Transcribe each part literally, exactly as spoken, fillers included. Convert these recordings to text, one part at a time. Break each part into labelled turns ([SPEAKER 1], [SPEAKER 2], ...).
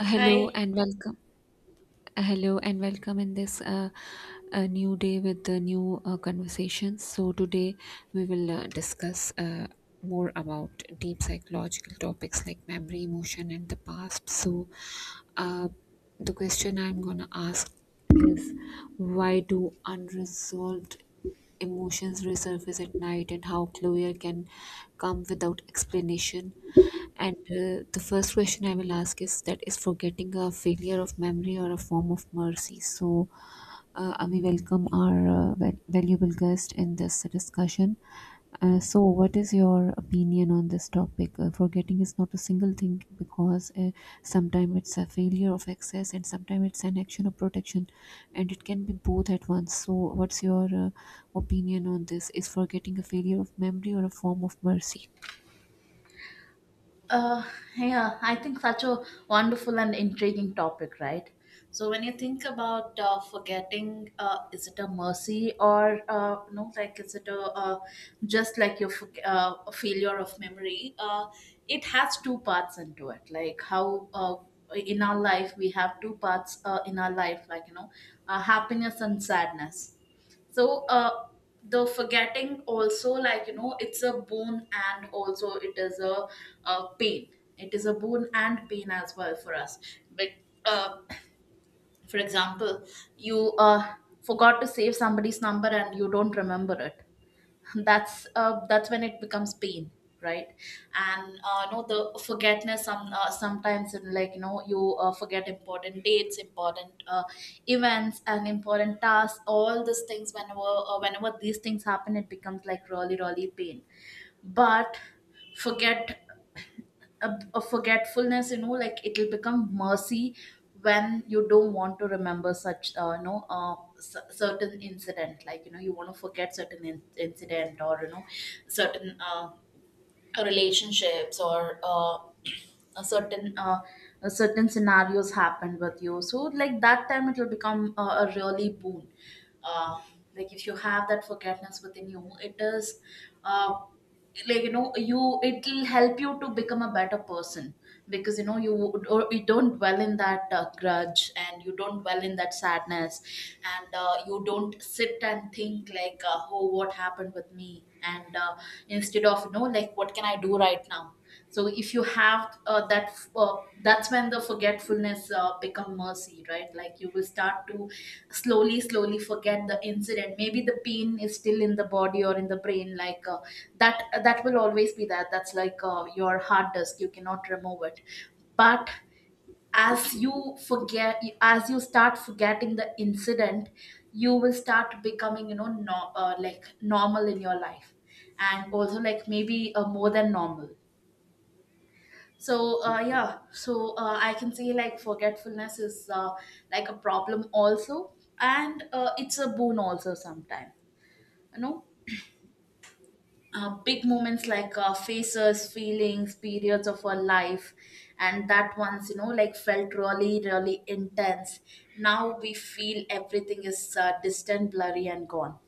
[SPEAKER 1] Uh, Hello
[SPEAKER 2] Hi.
[SPEAKER 1] and welcome. Uh, Hello and welcome in this uh, a new day with the new uh, conversations. So today we will uh, discuss uh, more about deep psychological topics like memory, emotion, and the past. So uh, the question I'm gonna ask is why do unresolved emotions resurface at night and how closure can come without explanation. And uh, the first question I will ask is, that is forgetting a failure of memory or a form of mercy? So, uh, and we welcome our uh, val- valuable guest in this discussion. Uh, so, what is your opinion on this topic? Uh, forgetting is not a single thing because uh, sometimes it's a failure of access and sometimes it's an action of protection, and it can be both at once. So, what's your uh, opinion on this? Is forgetting a failure of memory or a form of mercy?
[SPEAKER 2] Uh, yeah, I think such a wonderful and intriguing topic, right? So when you think about uh, forgetting, uh, is it a mercy or uh, no? Like, is it a uh, just like your forg- uh, a failure of memory? Uh, it has two parts into it. Like how uh, in our life we have two parts uh, in our life, like you know, uh, happiness and sadness, so uh the forgetting also, like you know, it's a boon and also it is a, uh pain. It is a boon and pain as well for us, but uh for example, you uh forgot to save somebody's number and you don't remember it. That's uh, that's when it becomes pain, right? And uh, no, the forgetness, some uh, sometimes in, like you know, you uh, forget important dates, important uh, events and important tasks, all these things, whenever uh, whenever these things happen it becomes like really really pain. But forget a, a forgetfulness, you know, like, it'll become mercy when you don't want to remember such, uh, you know uh, c- certain incident, like you know, you want to forget certain in- incident or you know certain uh, relationships, or uh, a certain uh, a certain scenarios happened with you, so like that time it will become a, a really boon. uh, like if you have that forgiveness within you, it is uh, like, you know, you, it will help you to become a better person, because you know you would- or you don't dwell in that uh, grudge and you don't dwell in that sadness. And uh, you don't sit and think like, uh, oh, what happened with me, and uh, instead of, you know, like, what can I do right now. So if you have uh, that uh, that's when the forgetfulness uh, become mercy, right? Like, you will start to slowly slowly forget the incident. Maybe the pain is still in the body or in the brain, like uh, that that will always be, that that's like uh, your hard disk, you cannot remove it. But as you forget, as you start forgetting the incident, you will start becoming, you know, no, uh, like normal in your life, and also like maybe uh, more than normal. So uh, yeah, so uh, I can say like forgetfulness is uh, like a problem also, and uh, it's a boon also sometimes. You know, uh, big moments, like uh, faces, feelings, periods of our life, and that once, you know, like felt really really intense, now we feel everything is uh, distant, blurry and gone,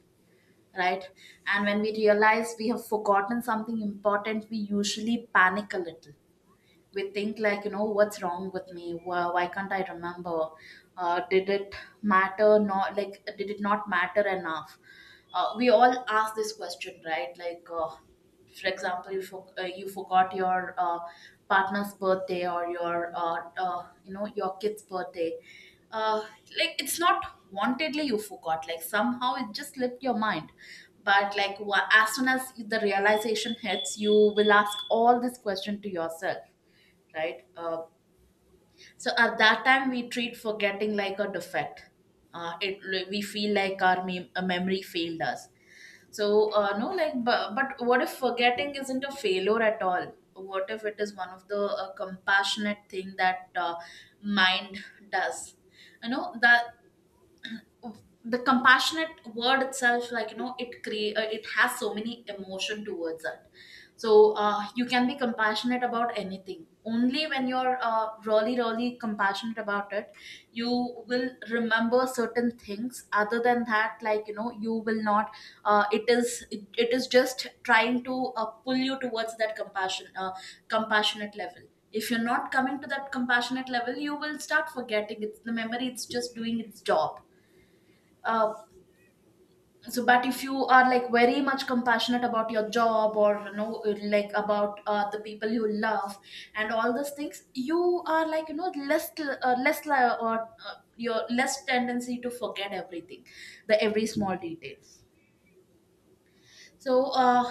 [SPEAKER 2] right? And when we realize we have forgotten something important, we usually panic a little. We think, like, you know, what's wrong with me, why, why can't I remember? Uh, did it matter? Not, like, did it not matter enough? Uh, we all ask this question, right? Like uh, for example, you, for, uh, you forgot your uh, partner's birthday or your uh, uh, you know, your kid's birthday. uh, like, it's not wantedly you forgot, like, somehow it just slipped your mind. But like wha- as soon as the realization hits, you will ask all this question to yourself, right? Uh, so at that time, we treat forgetting like a defect. Uh, it we feel like our mem- a memory failed us. So uh, no, like, but, but what if forgetting isn't a failure at all? What if it is one of the uh, compassionate thing that uh, mind does? You know that the compassionate word itself, like, you know, it create uh, it has so many emotion towards it. So uh, you can be compassionate about anything only when you're uh, really really compassionate about it. You will remember certain things, other than that, like, you know, you will not. uh, it is it, it is just trying to uh, pull you towards that compassion, uh, compassionate level. If you're not coming to that compassionate level, you will start forgetting. It's the memory, it's just doing its job. uh, so but if you are like very much compassionate about your job, or you know, like about uh, the people you love and all those things, you are, like, you know, less uh, less li- or uh, your less tendency to forget everything, the every small detail. So uh,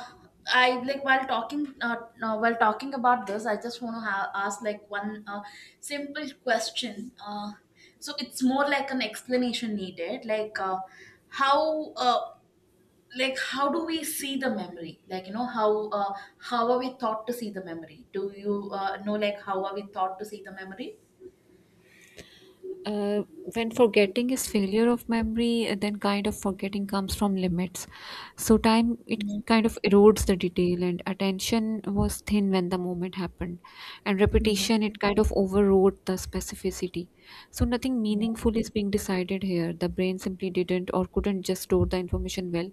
[SPEAKER 2] I like, while talking uh, uh, while talking about this, I just want to ha- ask like one uh, simple question. Uh, so it's more like an explanation needed, like uh, how uh, like, how do we see the memory? Like, you know, how uh, how are we taught to see the memory? Do you uh, know, like, how are we taught to see the memory?
[SPEAKER 1] uh, when forgetting is failure of memory uh, then kind of forgetting comes from limits. So time, it
[SPEAKER 2] Yeah,
[SPEAKER 1] kind of erodes the detail, and attention was thin when the moment happened, and
[SPEAKER 2] yeah,
[SPEAKER 1] repetition, it kind of overrode the specificity. So nothing meaningful is being decided here. The brain simply didn't or couldn't just store the information well.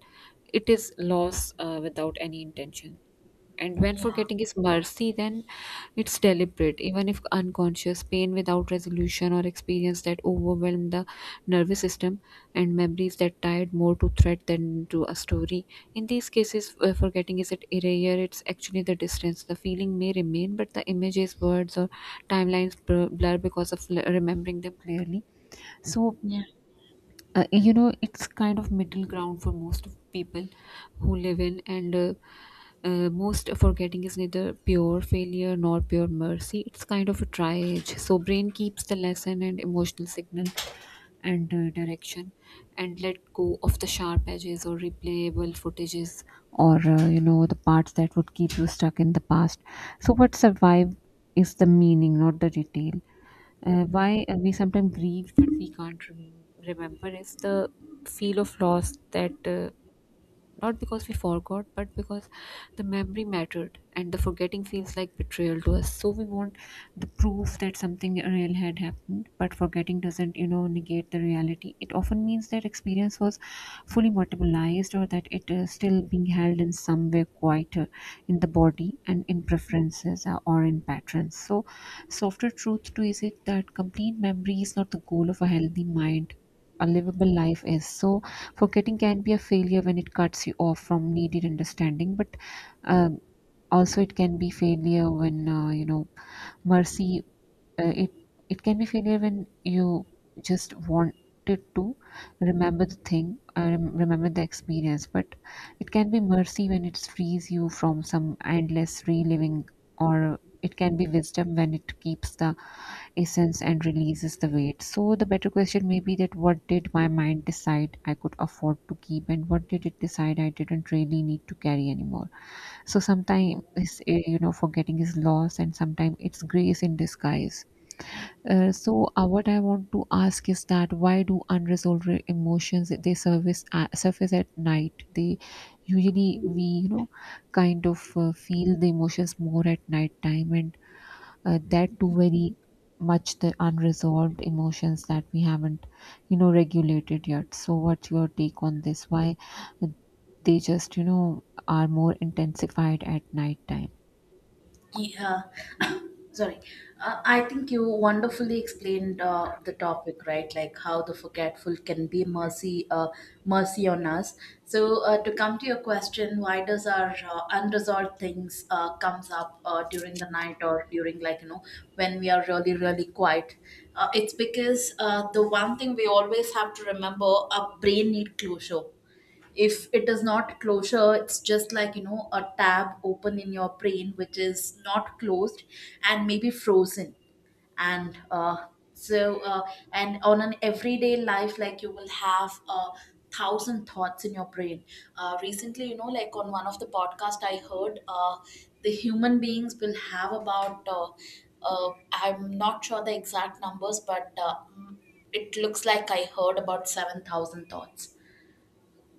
[SPEAKER 1] It is loss uh, without any intention. And when
[SPEAKER 2] yeah,
[SPEAKER 1] forgetting is mercy, then it's deliberate, even if unconscious, pain without resolution, or experience that overwhelm the nervous system, and memories that tied more to threat than to a story. In these cases, uh, forgetting is at erasure, it's actually the distance. The feeling may remain, but the images, words, or timelines blur blur because of l- remembering them clearly. So,
[SPEAKER 2] yeah,
[SPEAKER 1] uh, you know, it's kind of middle ground for most of people who live in, and uh, uh, most forgetting is neither pure failure nor pure mercy. It's kind of a triage, so brain keeps the lesson and emotional signal and uh, direction, and let go of the sharp edges or replayable footages, or uh, you know, the parts that would keep you stuck in the past. So what survive is the meaning, not the detail. uh,
[SPEAKER 2] yeah.
[SPEAKER 1] why uh, we sometimes grieve but we can't rem- remember is the feel of loss that uh, not because we forgot, but because the memory mattered and the forgetting feels like betrayal to us. So we want the proof that something real had happened, but forgetting doesn't, you know, negate the reality. It often means that experience was fully materialized, or that it is still being held in some way quieter in the body and in preferences uh, or in patterns. So, softer truth to is it that complete memory is not the goal of a healthy mind, a livable life is. So, forgetting can be a failure when it cuts you off from needed understanding, but um, also it can be failure when uh, you know, mercy, uh, it, it can be failure when you just wanted to remember the thing, uh, rem- remember the experience, but it can be mercy when it frees you from some endless reliving, or it can be wisdom when it keeps the essence and releases the weight. So the better question may be that what did my mind decide I could afford to keep, and what did it decide I didn't really need to carry anymore. So sometimes, you know, forgetting is loss, and sometimes it's grace in disguise. Uh, so uh, what I want to ask is that why do unresolved re- emotions they surface at, surface at night? They usually, we you know, kind of uh, feel the emotions more at night time, and uh, that too very much the unresolved emotions that we haven't, you know, regulated yet. So what's your take on this? Why they just, you know, are more intensified at night time?
[SPEAKER 2] Yeah, sorry. Uh, I think you wonderfully explained uh, the topic, right? Like, how the forgetful can be mercy, uh, mercy on us. So uh, to come to your question, why does our uh, unresolved things uh, comes up uh, during the night, or during, like, you know, when we are really really quiet? Uh, it's because uh, the one thing we always have to remember, our brain need closure. If it is not closure, it's just like, you know, a tab open in your brain which is not closed, and maybe frozen. And uh, so uh, and on an everyday life, like, you will have a thousand thoughts in your brain. Uh, recently, you know, like on one of the podcast I heard uh, the human beings will have about uh, uh, I'm not sure the exact numbers, but uh, it looks like I heard about seven thousand thoughts.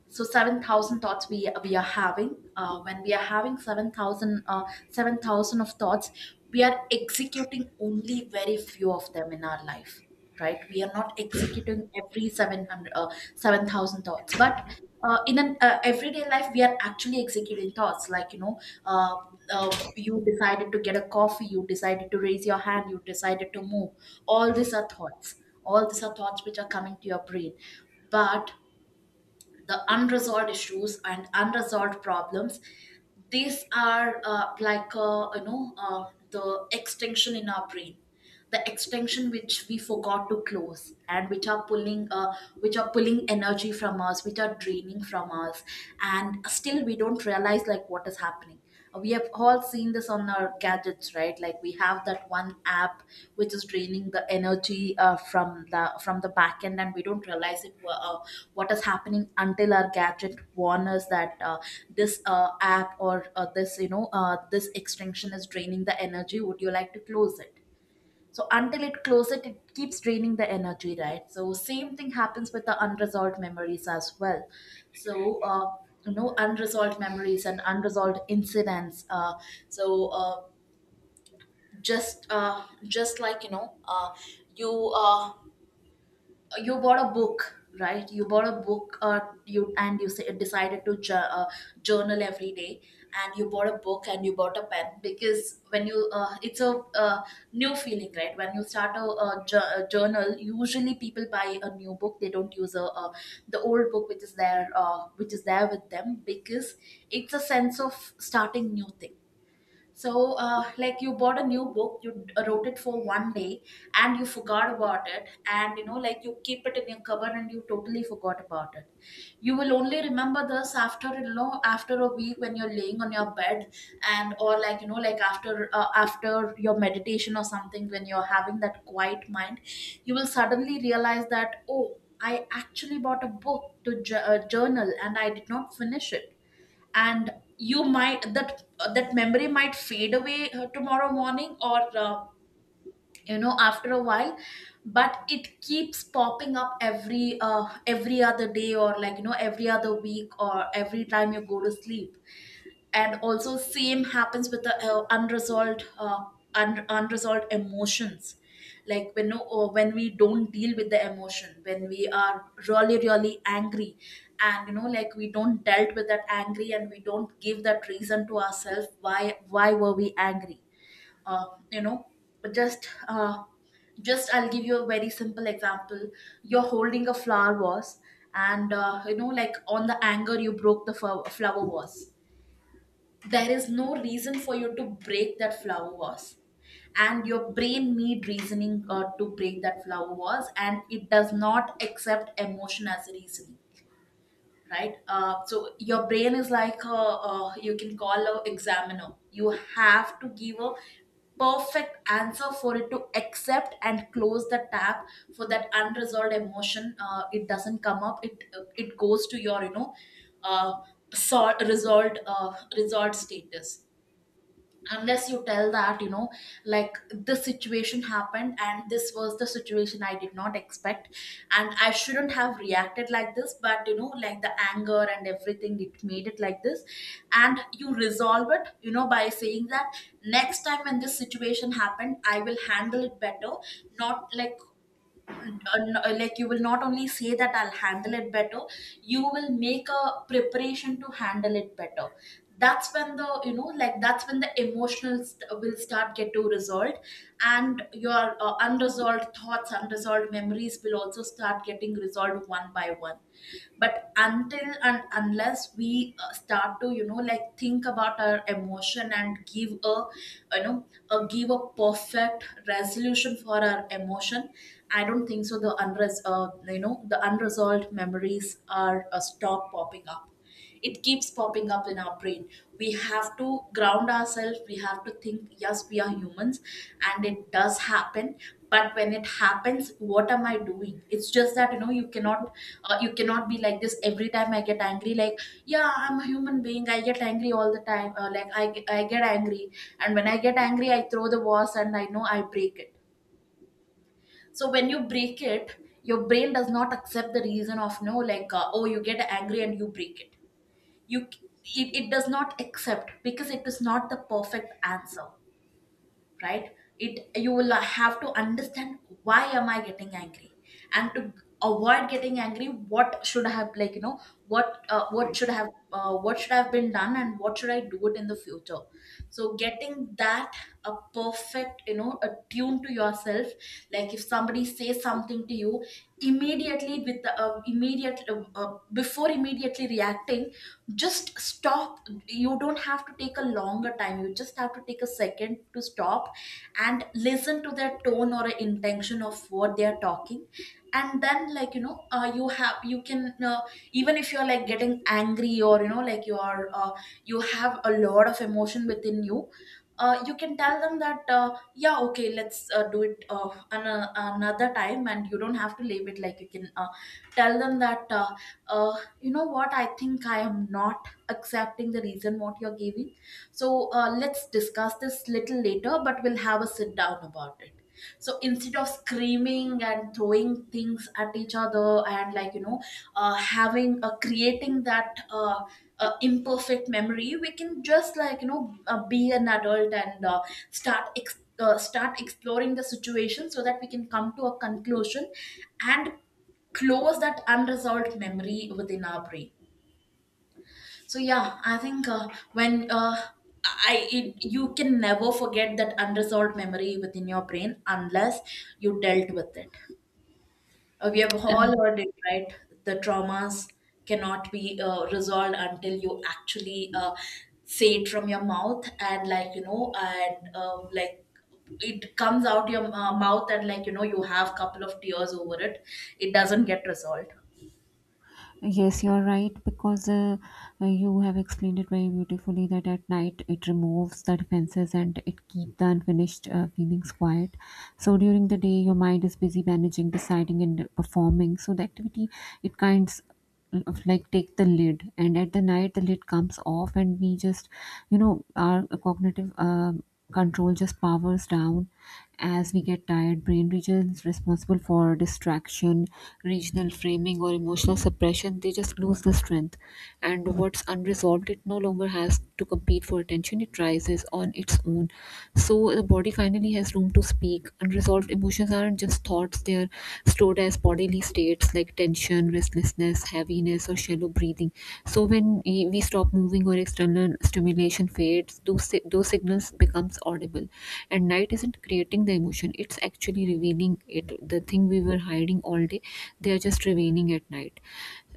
[SPEAKER 2] So seven thousand thoughts we we are having, uh, when we are having seven thousand uh, seven thousand of thoughts, we are executing only very few of them in our life, right? We are not executing every seven hundred uh, seven thousand thoughts. But uh, in an uh, everyday life, we are actually executing thoughts, like, you know, uh, uh, you decided to get a coffee, you decided to raise your hand, you decided to move. All these are thoughts, all these are thoughts which are coming to your brain. But the unresolved issues and unresolved problems, these are, uh, like uh, you know uh, the extension in our brain, the extension which we forgot to close, and which are pulling, uh, which are pulling energy from us, which are draining from us, and still we don't realize like what is happening. We have all seen this on our gadgets, right? Like, we have that one app which is draining the energy uh, from the from the back end, and we don't realize it, wha- uh, what is happening, until our gadget warns us that uh, this uh, app, or uh, this you know uh, this extension, is draining the energy, would you like to close it. So until it closes it, it keeps draining the energy, right? So same thing happens with the unresolved memories as well. So uh, you know, unresolved memories and unresolved incidents, uh, so uh, just uh, just like, you know, uh, you uh, you bought a book, right? You bought a book, uh, you and you say, decided to ju- uh, journal every day, and you bought a book and you bought a pen, because when you uh, it's a uh, new feeling, right? When you start a, a, ju- a journal, usually people buy a new book, they don't use a, a the old book which is there, uh, which is there with them, because it's a sense of starting new things. So, uh, like, you bought a new book, you d- uh, wrote it for one day, and you forgot about it, and you know, like, you keep it in your cupboard and you totally forgot about it. You will only remember this after a long, after a week when you're laying on your bed, and or like you know, like after uh, after your meditation or something, when you're having that quiet mind. You will suddenly realize that, oh, I actually bought a book to j- uh, journal, and I did not finish it. And you might that that memory might fade away uh, tomorrow morning, or, uh, you know, after a while. But it keeps popping up every uh, every other day, or, like you know every other week, or every time you go to sleep. And also same happens with the uh, unresolved, uh, un- unresolved emotions. Like, when no, or when we don't deal with the emotion, when we are really, really angry. And, you know, like, we don't dealt with that angry, and we don't give that reason to ourselves, why why were we angry, uh, you know just, uh, just I'll give you a very simple example. You're holding a flower vase, and, uh, you know, like, on the anger you broke the flow- flower vase. There is no reason for you to break that flower vase, and your brain need reasoning uh, to break that flower vase, and it does not accept emotion as a reasoning, right? Uh, so your brain is like a, uh, you can call a examiner. You have to give a perfect answer for it to accept and close the tab for that unresolved emotion. Uh, it doesn't come up. It it goes to your, you know, uh, sort resolved uh, resolved status, unless you tell that, you know, like, this situation happened, and this was the situation, I did not expect, and I shouldn't have reacted like this, but, you know, like, the anger and everything, it made it like this. And you resolve it, you know, by saying that next time when this situation happened, I will handle it better. Not like, uh, like, you will not only say that I'll handle it better. You will make a preparation to handle it better. That's when the, you know, like, that's when the emotional st- will start get to resolved, and your uh, unresolved thoughts, unresolved memories will also start getting resolved one by one. But until and unless we, uh, start to, you know, like, think about our emotion and give a, you know, a give a perfect resolution for our emotion, I don't think so the unres uh, you know, the unresolved memories are, uh, stop popping up. It keeps popping up in our brain. We have to ground ourselves. We have to think, yes, we are humans, and it does happen. But when it happens, what am I doing? It's just that, you know, you cannot uh, you cannot be like this every time I get angry. Like, yeah, I'm a human being, I get angry all the time. Uh, like, I, ge- I get angry, and when I get angry, I throw the vase, and I know I break it. So when you break it, your brain does not accept the reason of no, like, uh, oh, you get angry and you break it. You, it, it does not accept, because it is not the perfect answer, right? It, you will have to understand, why am I getting angry. And to avoid getting angry, what should I have, like, you know, what uh, what should have uh, what should have been done, and what should I do it in the future. So getting that a perfect, you know, a tune to yourself. Like, if somebody says something to you immediately, with the uh, immediate uh, uh, before immediately reacting, just stop. You don't have to take a longer time, you just have to take a second to stop and listen to their tone or intention of what they are talking. And then, like, you know, uh, you have, you can, uh, even if you're, like, getting angry, or, you know, like, you are, uh, you have a lot of emotion within you. Uh, you can tell them that, uh, yeah, okay, let's, uh, do it uh, an- uh, another time, and you don't have to leave it. Like, you can, uh, tell them that, uh, uh, you know what, I think I am not accepting the reason what you're giving. So, uh, let's discuss this little later, but we'll have a sit down about it. So instead of screaming and throwing things at each other, and, like, you know, uh, having, uh, creating that, uh, uh, imperfect memory, we can just, like, you know, uh, be an adult, and, uh, start ex- uh, start exploring the situation so that we can come to a conclusion and close that unresolved memory within our brain. So yeah, I think, uh, when uh, I it, you can never forget that unresolved memory within your brain unless you dealt with it. Uh, we have all
[SPEAKER 1] And
[SPEAKER 2] heard it, right? The traumas cannot be, uh, resolved, until you actually, uh, say it from your mouth, and, like, you know, and, um, like, it comes out your, uh, mouth, and, like, you know, you have couple of tears over it. It doesn't get resolved.
[SPEAKER 1] yes, you're right, because uh, uh, you have explained it very beautifully that at night it removes the defenses and it keep the unfinished uh, feelings quiet. So during the day your mind is busy managing, deciding, and performing, so the activity, it kinds of like take the lid, and at the night the lid comes off, and we just, you know, our cognitive uh, control just powers down. As we get tired, brain regions responsible for distraction, regional framing, or emotional suppression, they just lose the strength, and what's unresolved, it no longer has to compete for attention, it rises on its own. So the body finally has room to speak. Unresolved unresolved emotions aren't just thoughts, they are stored as bodily states like tension, restlessness, heaviness, or shallow breathing. So when we we stop moving or external stimulation fades, those, si- those signals becomes audible. And night isn't creating the emotion, it's actually revealing it. The thing we were hiding all day, they are just revealing at night.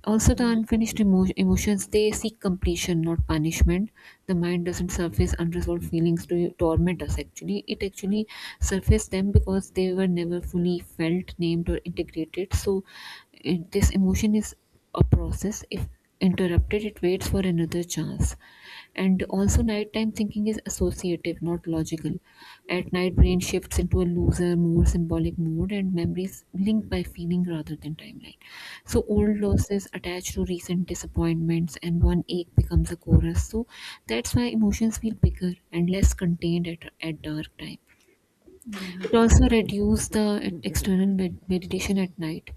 [SPEAKER 1] Also, the unfinished emo- emotions they seek completion, not punishment. The mind doesn't surface unresolved feelings to torment us. Actually, it actually surfaces them because they were never fully felt, named, or integrated. So, it, this emotion is a process. If interrupted, it waits for another chance. And also, nighttime thinking is associative, not logical. At night, brain shifts into a looser, more symbolic mode, and memories linked by feeling rather than timeline. So old losses attach to recent disappointments, and one ache becomes a chorus. So that's why emotions feel bigger and less contained at, at dark time. It also reduces the external med- meditation at night.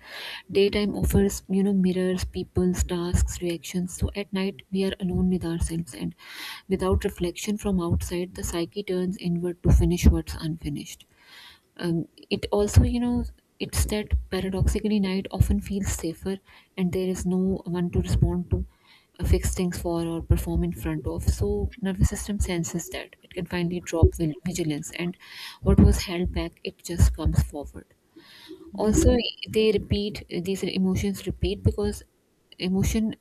[SPEAKER 1] Daytime offers, you know, mirrors, people's tasks, reactions. So at night we are alone with ourselves, and without reflection from outside, the psyche turns inward to finish what's unfinished. Um, it also, you know, it's that paradoxically night often feels safer, and there is no one to respond to, uh, fix things for, or perform in front of. So nervous system senses that it can finally drop vil- vigilance, and what was held back, it just comes forward. Also, they repeat, these emotions repeat because emotion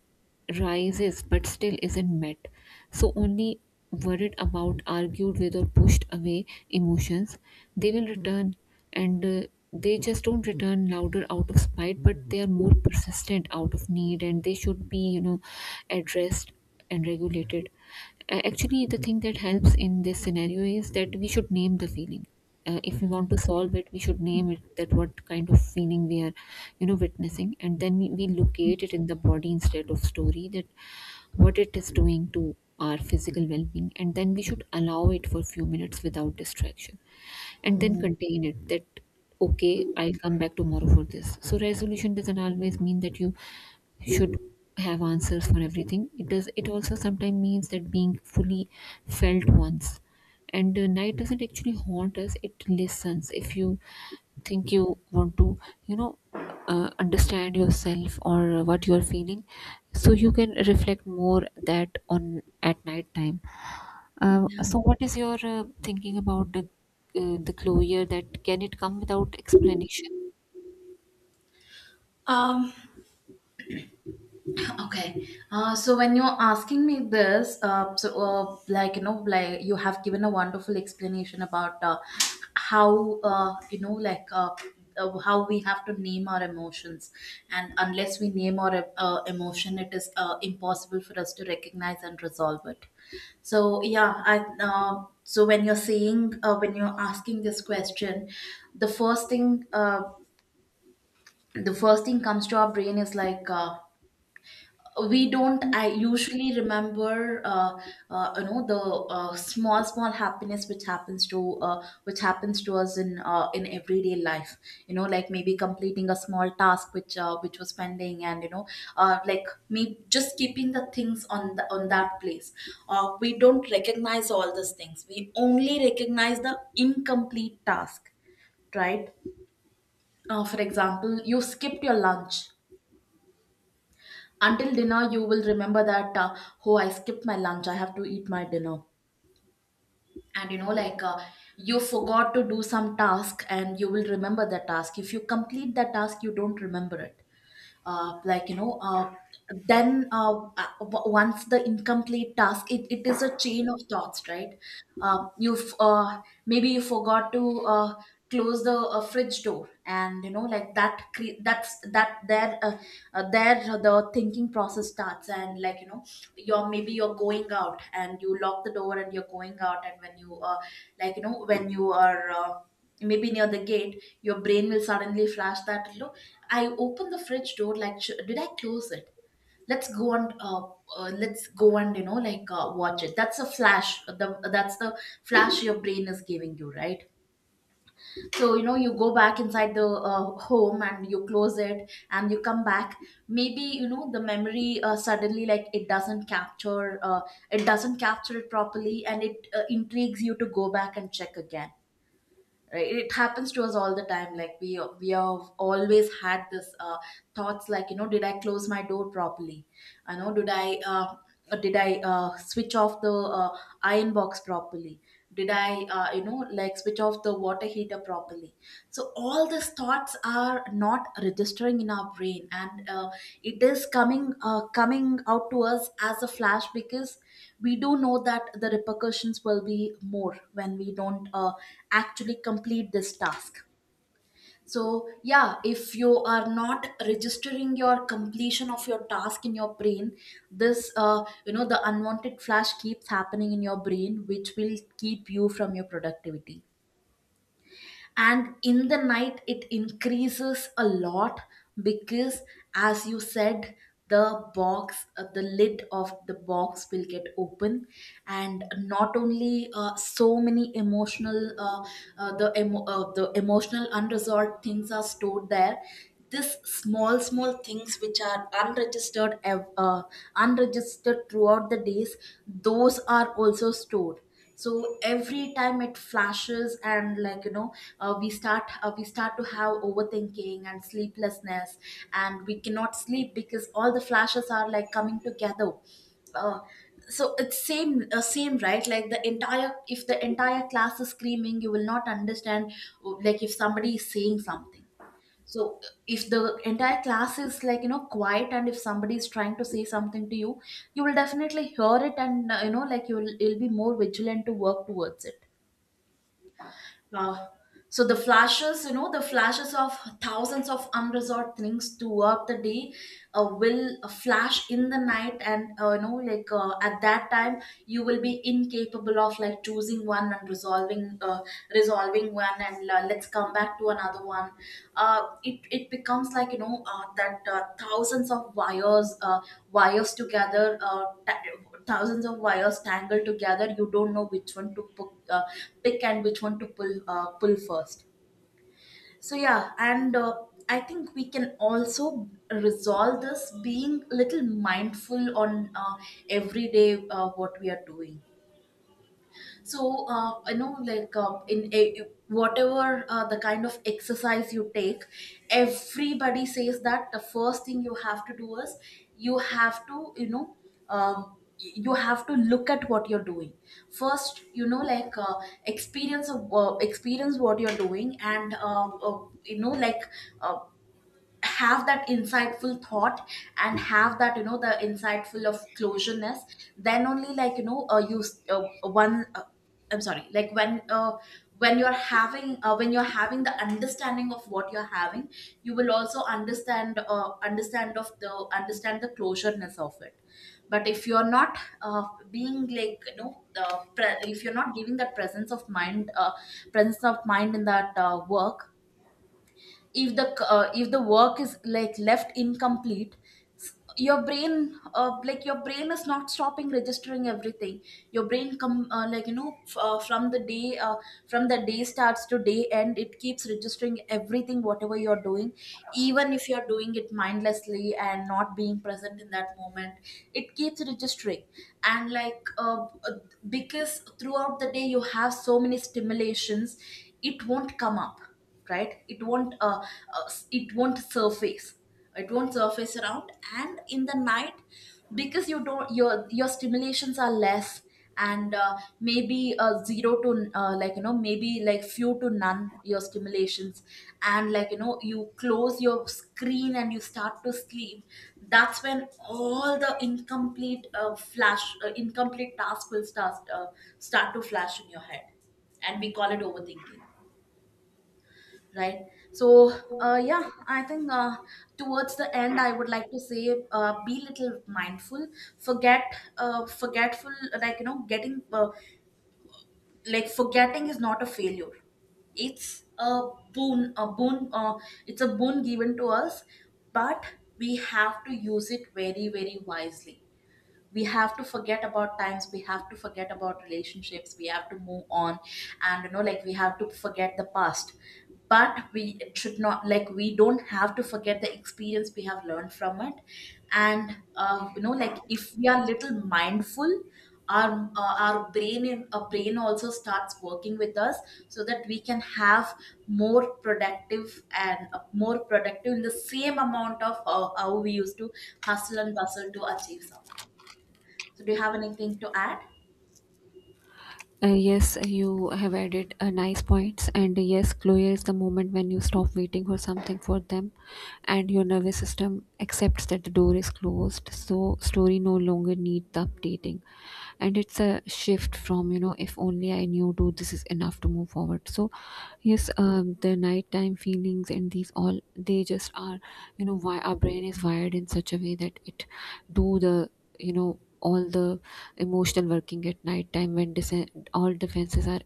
[SPEAKER 1] rises but still isn't met. So only worried about, argued with, or pushed away emotions, they will return. And uh, they just don't return louder out of spite, but they are more persistent out of need, and they should be, you know, addressed and regulated. A- actually the thing that helps in this scenario is that we should name the feeling. Uh, if we want to solve it, we should name it, that what kind of feeling we are, you know, witnessing. And then we, we locate it in the body instead of story, that what it is doing to our physical well-being. And then we should allow it for few minutes without distraction, and then
[SPEAKER 2] Mm.
[SPEAKER 1] contain it that okay, I'll come back tomorrow for this. So resolution doesn't always mean that you should have answers for everything. It does, it also sometimes means that being fully felt once. And the night doesn't actually haunt us, it listens. If you think you want to, you know, uh, understand yourself or what you're feeling, so you can reflect more that on at night time. Uh, so what is your uh, thinking about the uh, the closure, that can it come without explanation?
[SPEAKER 2] Um, Okay. Uh, so when you're asking me this, uh, so, uh, like, you know, like, you have given a wonderful explanation about, uh, how uh, you know, like, uh, uh, how we have to name our emotions, and unless we name our, uh, emotion, it is, uh, impossible for us to recognize and resolve it. So yeah, I uh, so when you're saying, uh, when you're asking this question, the first thing uh, the first thing comes to our brain is like. Uh, we don't, I usually remember, uh, uh, you know, the, uh, small, small happiness which happens to, uh, which happens to us in, uh, in everyday life. You know, like, maybe completing a small task which, uh, which was pending, and, you know, uh, like, me just keeping the things on the, on that place. Uh, we don't recognize all these things, we only recognize the incomplete task, right? Uh, for example, you skipped your lunch. Until dinner you will remember that, uh, oh, I skipped my lunch, I have to eat my dinner. And, you know, like, uh, you forgot to do some task, and you will remember that task. If you complete that task, you don't remember it. uh, like you know uh, then, uh, uh, w- once the incomplete task, it, it is a chain of thoughts, right? uh, you've uh, Maybe you forgot to, uh, close the, uh, fridge door, and, you know, like, that, cre- that's that there, uh, uh, there the thinking process starts. And, like, you know, you're, maybe you're going out, and you lock the door, and you're going out, and when you, uh, like, you know, when you are, uh, maybe near the gate, your brain will suddenly flash that, look, I opened the fridge door, like, sh- did I close it? Let's go, and, uh, uh, let's go and, you know, like, uh, watch it. That's a flash, the that's the flash your brain is giving you, right? So, you know, you go back inside the, uh, home, and you close it and you come back. Maybe, you know, the memory, uh, suddenly, like, it doesn't capture, uh, it doesn't capture it properly, and it, uh, intrigues you to go back and check again, right? It happens to us all the time. Like, we we have always had this, uh, thoughts, like, you know, did I close my door properly? I know, did i uh, uh, did I, uh, switch off the, uh, iron box properly? Did I, uh, you know, like, switch off the water heater properly? So all these thoughts are not registering in our brain, and, uh, it is coming, uh, coming out to us as a flash, because we do know that the repercussions will be more when we don't, uh, actually complete this task. So yeah, if you are not registering your completion of your task in your brain, this, uh, you know, the unwanted flash keeps happening in your brain, which will keep you from your productivity. And in the night it increases a lot, because, as you said, the box, uh, the lid of the box will get open. And not only, uh, so many emotional, uh, uh, the emo- uh, the emotional unresolved things are stored there, this small, small things which are unregistered, ev- uh, unregistered throughout the days, those are also stored. So every time it flashes, and, like, you know, uh, we start uh, we start to have overthinking and sleeplessness, and we cannot sleep because all the flashes are like coming together. uh, so it's same, uh, same, right? Like, the entire, if the entire class is screaming, you will not understand. Oh, like, if somebody is saying something. So, if the entire class is, like, you know, quiet, and if somebody is trying to say something to you, you will definitely hear it. And, uh, you know, like, you'll you'll be more vigilant to work towards it. uh, so the flashes, you know, the flashes of thousands of unresolved things throughout the day, uh, will flash in the night, and, uh, you know, like, uh, at that time, you will be incapable of, like, choosing one and resolving, uh, resolving one, and, uh, let's come back to another one. Uh, it it becomes like, you know, uh, that, uh, thousands of wires, uh, wires together, uh, ta- thousands of wires tangled together, you don't know which one to, pu- uh, pick, and which one to pull uh, pull first. So yeah, and, uh, I think we can also resolve this being little mindful on, uh, everyday, uh, what we are doing. So, uh, I know, like, uh, in a, whatever, uh, the kind of exercise you take, everybody says that the first thing you have to do is you have to, you know, um, you have to look at what you're doing first, you know, like, uh, experience of, uh, experience what you're doing, and, uh, uh, you know, like, uh, have that insightful thought, and have that, you know, the insightful of closureness. Then only, like, you know, uh, you s- uh, one uh, I'm sorry, like, when uh, when you're having, uh, when you're having the understanding of what you're having, you will also understand, uh, understand of the understand the closureness of it. But if you're not, uh, being like, you know, the, pre- if you're not giving that presence of mind, uh, presence of mind in that, uh, work, if the, c- uh, if the work is like left incomplete, s- your brain, uh, like, your brain is not stopping registering everything. Your brain come uh, like you know f- uh, From the day, uh, from the day starts to day end, it keeps registering everything whatever you're doing. Even if you're doing it mindlessly and not being present in that moment, it keeps registering. And, like, uh, uh, because throughout the day you have so many stimulations, it won't come up, right? It won't, uh, uh, it won't surface. It won't surface around. And in the night, because you don't, your your stimulations are less, and, uh, maybe, uh, zero to, uh, like, you know, maybe like few to none your stimulations. And, like, you know, you close your screen and you start to sleep. That's when all the incomplete, uh, flash uh, incomplete tasks will start, uh, start to flash in your head. And we call it overthinking, right? So, uh, yeah, I think, uh, towards the end I would like to say, uh, be little mindful. Forget, uh, forgetful, like, you know, getting, uh, like, forgetting is not a failure. It's a boon. A boon, uh, it's a boon given to us. But we have to use it very, very wisely. We have to forget about times, we have to forget about relationships, we have to move on, and, you know, like, we have to forget the past. But we should not, like, we don't have to forget the experience we have learned from it. And, uh, you know, like, if we are little mindful, our, uh, our brain, in our brain, also starts working with us, so that we can have more productive, and, uh, more productive in the same amount of how, how we used to hustle and bustle to achieve something. So, do you have anything to add?
[SPEAKER 1] Uh, yes, you have added uh, nice points, and yes, closure is the moment when you stop waiting for something for them, and your nervous system accepts that the door is closed. So, story no longer needs the updating, and it's a shift from, you know, if only I knew, to this is enough to move forward. So, yes, um, the nighttime feelings and these all, they just are, you know, why our brain is wired in such a way that it do the, you know, all the emotional working at night time when disen- all defenses are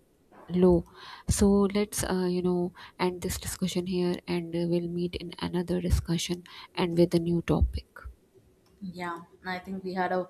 [SPEAKER 1] low. So let's, uh, you know, end this discussion here, and uh, we'll meet in another discussion and with a new topic.
[SPEAKER 2] Yeah, I think we had a